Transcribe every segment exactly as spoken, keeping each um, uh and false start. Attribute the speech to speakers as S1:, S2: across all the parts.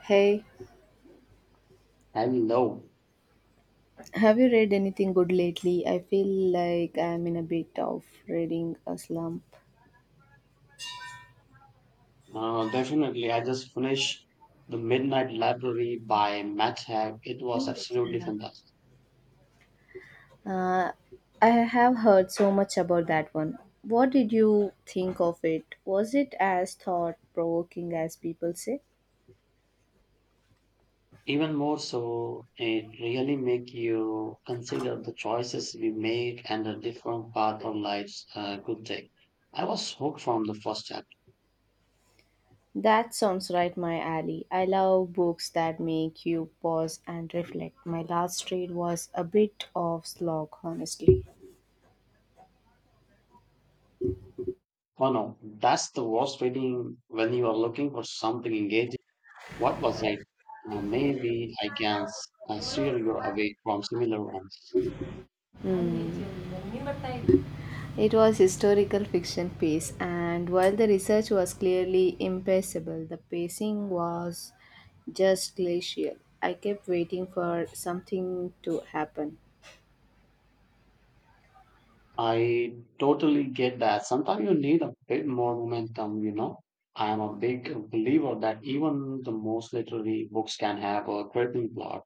S1: Hey,
S2: Hello.
S1: have you read anything good lately? I feel like I'm in a bit of reading a slump.
S2: Uh, definitely. I just finished The Midnight Library by Matt Haig. It was absolutely fantastic.
S1: Uh, I have heard so much about that one. What did you think of it? Was it as thought provoking as people say?
S2: Even more so, it really make you consider the choices we make and the different path our lives uh, could take. I was hooked from the first chapter.
S1: That sounds right my alley. I love books that make you pause and reflect. My last read was a bit of slog, honestly.
S2: Oh no, that's the worst reading when you are looking for something engaging. What was it? Uh, maybe I can s- uh, steer you away from similar ones.
S1: It was historical fiction piece, and while the research was clearly impeccable, the pacing was just glacial. I kept waiting for something to happen.
S2: I totally get that. Sometimes you need a bit more momentum, you know. I am a big believer that even the most literary books can have a gripping plot.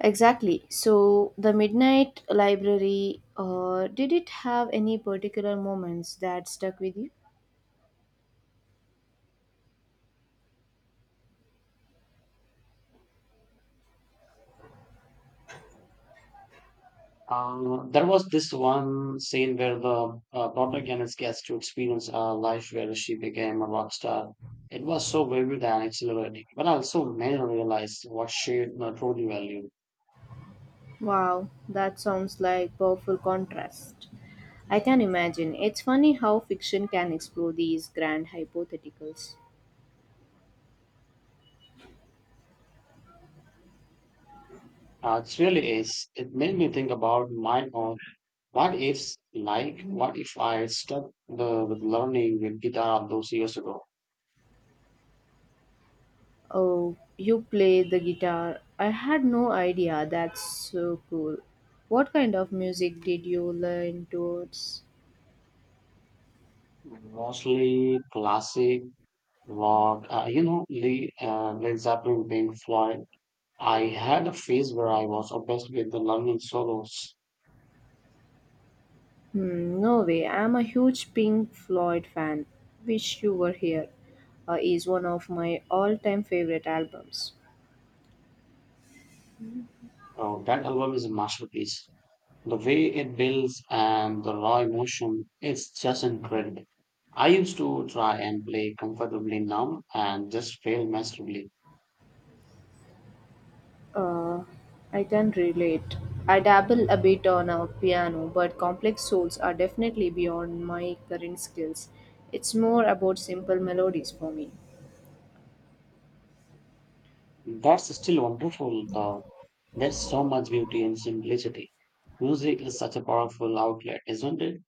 S1: Exactly. So, the Midnight Library, uh, did it have any particular moments that stuck with you?
S2: Uh, there was this one scene where the uh, protagonist gets to experience a life where she became a rock star. It was so vivid and exhilarating, but also made her realize what she uh, truly valued.
S1: Wow, that sounds like powerful contrast. I can imagine. It's funny how fiction can explore these grand hypotheticals.
S2: Uh, it really is. It made me think about my own what ifs, like what if I stuck the, with learning with guitar those years ago?
S1: Oh, you play the guitar. I had no idea. That's so cool. What kind of music did you learn towards?
S2: Mostly classic rock, uh, you know, Lee, uh, Led Zeppelin, Pink Floyd. I had a phase where I was obsessed with the learning solos.
S1: Hmm, no way. I'm a huge Pink Floyd fan. Wish you were here. Uh, is one of my all-time favorite albums.
S2: Oh, that album is a masterpiece. The way it builds and the raw emotion, it's just incredible. I used to try and play comfortably now and just fail miserably.
S1: Uh, I can relate. I dabble a bit on a piano, but complex souls are definitely beyond my current skills. It's more about simple melodies for me.
S2: That's still wonderful, though. There's so much beauty in simplicity. Music is such a powerful outlet, isn't it?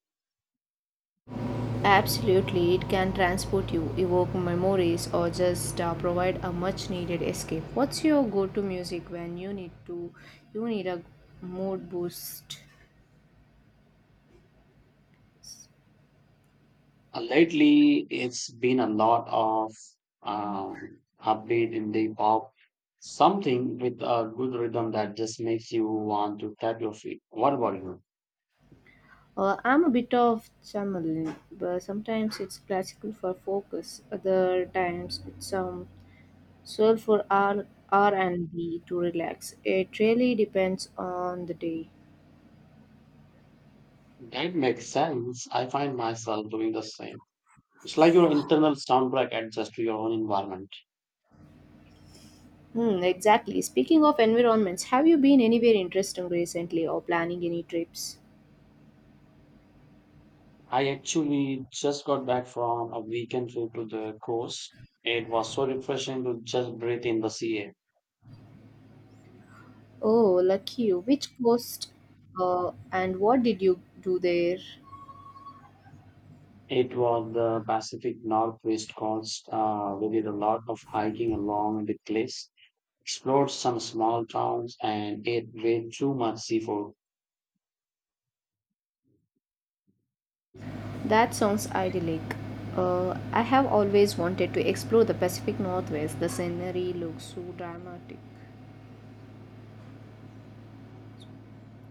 S1: Absolutely, it can transport you, evoke memories, or just uh, provide a much-needed escape. What's your go-to music when you need to, you need a mood boost?
S2: Uh, lately, it's been a lot of um, upbeat indie pop, something with a good rhythm that just makes you want to tap your feet. What about you?
S1: Uh, I'm a bit of Chamberlain, but sometimes it's classical for focus. Other times it's um soul for R R and B to relax. It really depends on the day.
S2: That makes sense. I find myself doing the same. It's like your internal soundtrack adjusts to your own environment.
S1: Hmm, exactly. Speaking of environments, have you been anywhere interesting recently or planning any trips?
S2: I actually just got back from a weekend trip to the coast. It was so refreshing to just breathe in the sea air.
S1: Oh, lucky you. Which coast, uh, and what did you do there?
S2: It was the Pacific Northwest coast. Uh, we did a lot of hiking along the cliffs, explored some small towns, and ate way too much seafood.
S1: That sounds idyllic. Uh, I have always wanted to explore the Pacific Northwest. The scenery looks so dramatic.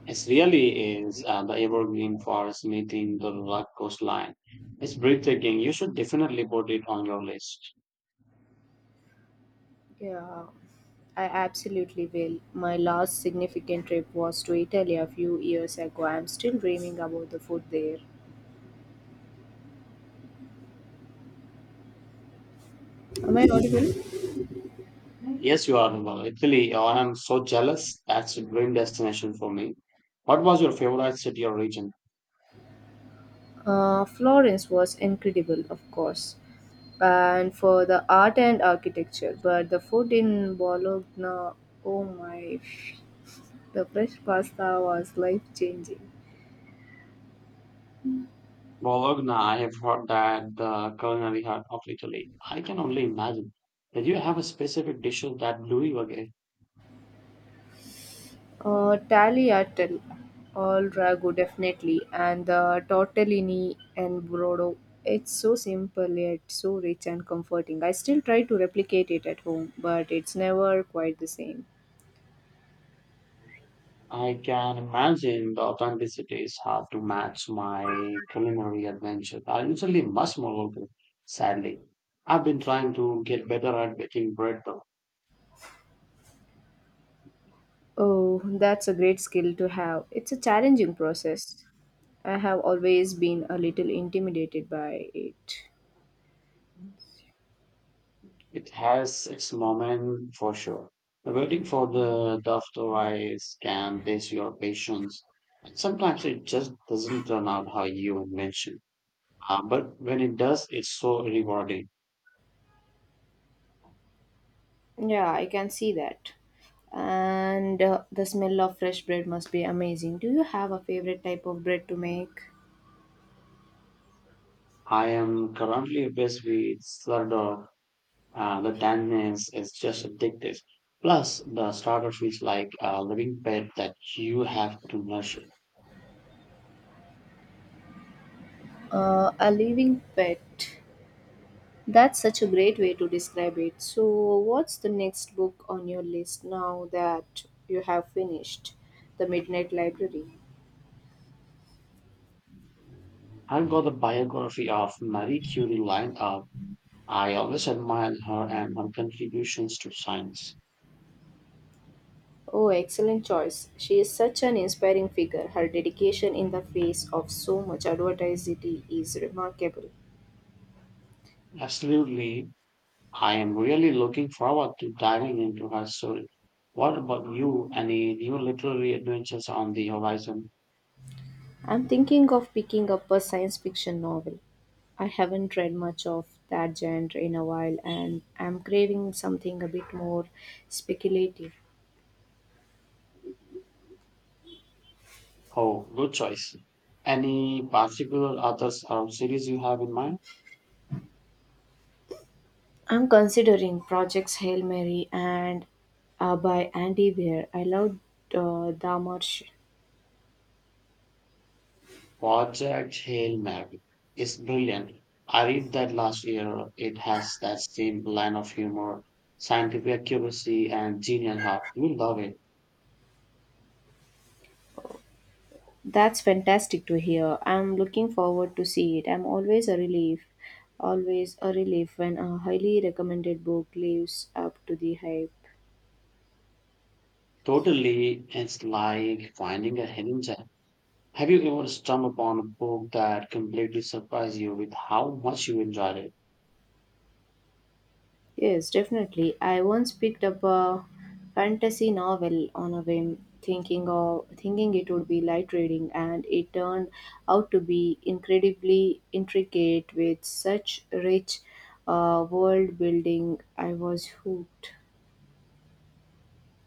S2: It really is uh, the evergreen forest meeting the rugged coastline. It's breathtaking. You should definitely put it on your list.
S1: Yeah, I absolutely will. My last significant trip was to Italy a few years ago. I'm still dreaming about the food there. Am I audible?
S2: Yes, you are. Well, Italy, oh, I'm so jealous. That's a dream destination for me. What was your favorite city or region?
S1: Uh, Florence was incredible, of course, and for the art and architecture, but the food in Bologna, oh my, the fresh pasta was life changing.
S2: Bologna, I have heard that the culinary heart of Italy. I can only imagine. Did you have a specific dish that blew you away?
S1: Uh, tagliatelle, all ragu definitely, and the tortellini and brodo. It's so simple yet so rich and comforting. I still try to replicate it at home, but it's never quite the same.
S2: I can imagine the authenticity is hard to match my culinary adventure. I usually much more local, sadly. I've been trying to get better at baking bread though.
S1: Oh, that's a great skill to have. It's a challenging process. I have always been a little intimidated by it.
S2: It has its moment for sure. The waiting for the dough to rise can test your patience. And sometimes it just doesn't turn out how you envision. Uh, but when it does, it's so rewarding.
S1: Yeah, I can see that. And uh, the smell of fresh bread must be amazing. Do you have a favorite type of bread to make?
S2: I am currently obsessed with Slardog. Uh, the tanginess is just addictive. Plus, the starter feels like a living pet that you have to nurture.
S1: Uh, a living pet. That's such a great way to describe it. So, what's the next book on your list now that you have finished The Midnight Library?
S2: I've got the biography of Marie Curie lined up. I always admired her and her contributions to science.
S1: Oh, excellent choice. She is such an inspiring figure. Her dedication in the face of so much adversity is remarkable.
S2: Absolutely, I am really looking forward to diving into her story. What about you? Any new literary adventures on the horizon?
S1: I'm thinking of picking up a science fiction novel. I haven't read much of that genre in a while and I'm craving something a bit more speculative.
S2: Oh, good choice. Any particular authors or series you have in mind?
S1: I'm considering projects Hail Mary and uh, by Andy Weir. I loved uh, Dahmer's.
S2: Project Hail Mary is brilliant. I read that last year. It has that same line of humor, scientific accuracy, and genial heart. You will love it.
S1: That's fantastic to hear. I'm looking forward to see it. I'm always a relief, always a relief when a highly recommended book lives up to the hype.
S2: Totally, it's like finding a hidden gem. Have you ever stumbled upon a book that completely surprised you with how much you enjoyed it?
S1: Yes, definitely. I once picked up a fantasy novel on a whim, thinking of thinking it would be light reading, and it turned out to be incredibly intricate with such rich uh, world building. I was hooked.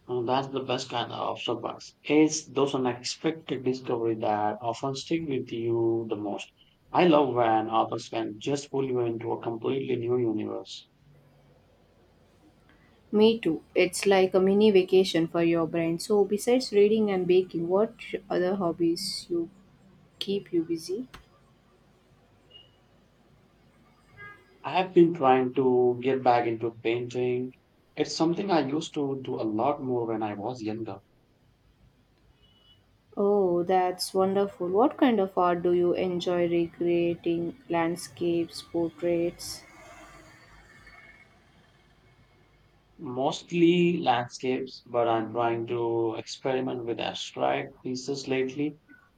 S2: Uh, that's the best kind of surprise. It's those unexpected discovery that often stick with you the most. I love when authors can just pull you into a completely new universe.
S1: Me too. It's like a mini vacation for your brain. So, besides reading and baking, what other hobbies you keep you busy?
S2: I have been trying to get back into painting. It's something I used to do a lot more when I was younger.
S1: Oh, that's wonderful. What kind of art do you enjoy recreating? Landscapes, portraits?
S2: Mostly landscapes, but I'm trying to experiment with abstract pieces lately.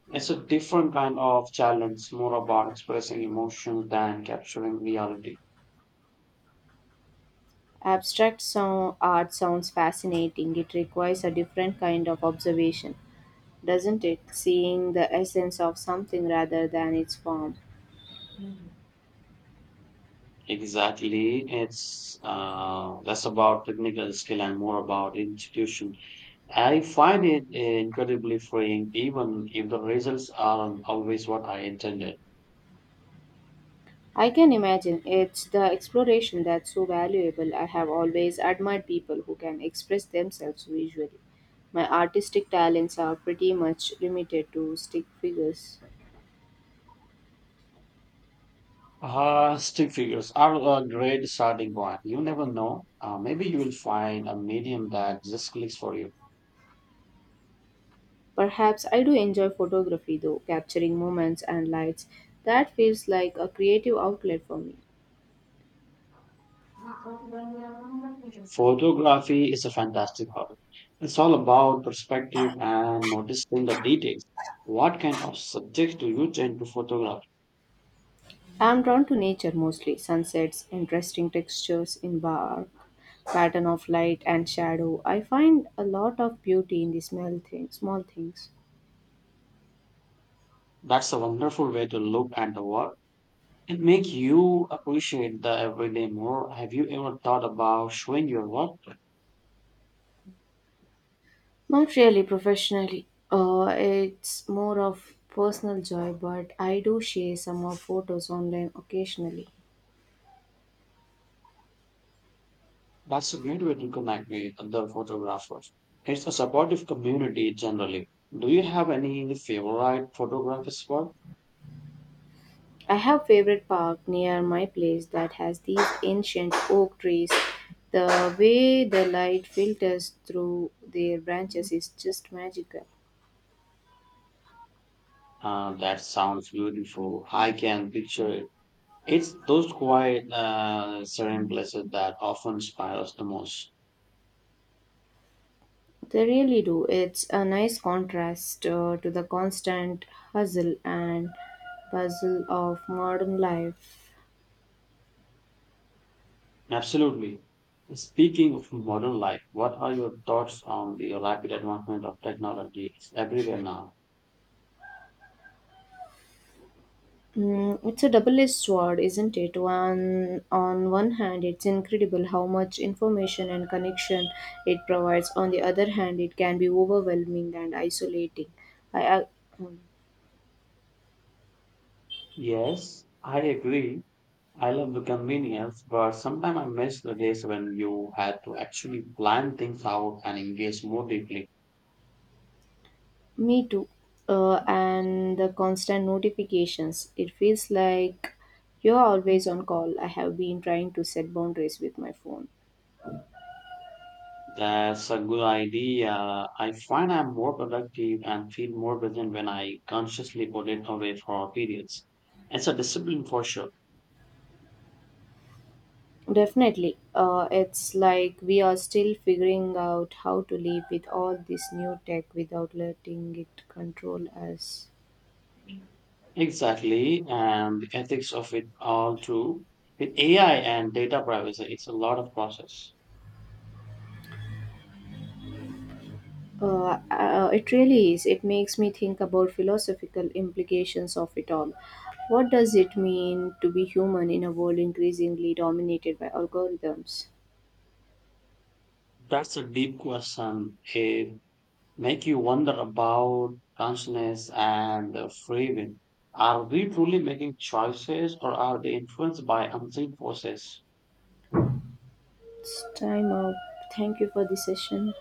S2: It's a different kind of challenge, more about expressing emotion than capturing reality.
S1: Abstract so- art sounds fascinating. It requires a different kind of observation, doesn't it? Seeing the essence of something rather than its form.
S2: Exactly. It's uh, less about technical skill and more about institution. I find it incredibly freeing, even if the results aren't always what I intended.
S1: I can imagine. It's the exploration that's so valuable. I have always admired people who can express themselves visually. My artistic talents are pretty much limited to stick figures.
S2: Uh, stick figures are a great starting point. You never know. Uh, maybe you will find a medium that just clicks for you.
S1: Perhaps I do enjoy photography though, capturing moments and lights. That feels like a creative outlet for me.
S2: Photography is a fantastic hobby. It's all about perspective and noticing the details. What kind of subjects do you tend to photograph?
S1: I'm drawn to nature mostly sunsets, interesting textures in bark, pattern of light and shadow. I find a lot of beauty in the small things, small things.
S2: That's a wonderful way to look at the world. It makes you appreciate the everyday more. Have you ever thought about showing your work?
S1: Not really professionally. Uh, it's more of personal joy, but I do share some of photos online occasionally.
S2: That's a great way to connect with other photographers. It's a supportive community generally. Do you have any favorite photograph spot?
S1: I have favorite park near my place that has these ancient oak trees. The way the light filters through their branches is just magical.
S2: Uh, that sounds beautiful. I can picture it. It's those quiet, uh, serene places that often inspire us the most.
S1: They really do. It's a nice contrast uh, to the constant hustle and bustle of modern life.
S2: Absolutely. Speaking of modern life, what are your thoughts on the rapid advancement of technology? It's everywhere now.
S1: Mm, it's a double-edged sword, isn't it? One on one hand, it's incredible how much information and connection it provides. On the other hand, it can be overwhelming and isolating. I, I mm,
S2: Yes, I agree. I love the convenience, but sometimes I miss the days when you had to actually plan things out and engage more deeply.
S1: Me too. Uh, and the constant notifications. It feels like you're always on call. I have been trying to set boundaries with my phone.
S2: That's a good idea. I find I'm more productive and feel more present when I consciously put it away for periods. It's a discipline for sure.
S1: Definitely. Uh, it's like we are still figuring out how to live with all this new tech without letting it control us.
S2: Exactly, and the ethics of it all too. With A I and data privacy, it's a lot of process.
S1: Uh, uh, it really is. It makes me think about philosophical implications of it all. What does it mean to be human in a world increasingly dominated by algorithms?
S2: That's a deep question. It make you wonder about consciousness and the free will. Are we truly making choices, or are they influenced by unseen forces?
S1: It's time out. Thank you for the session.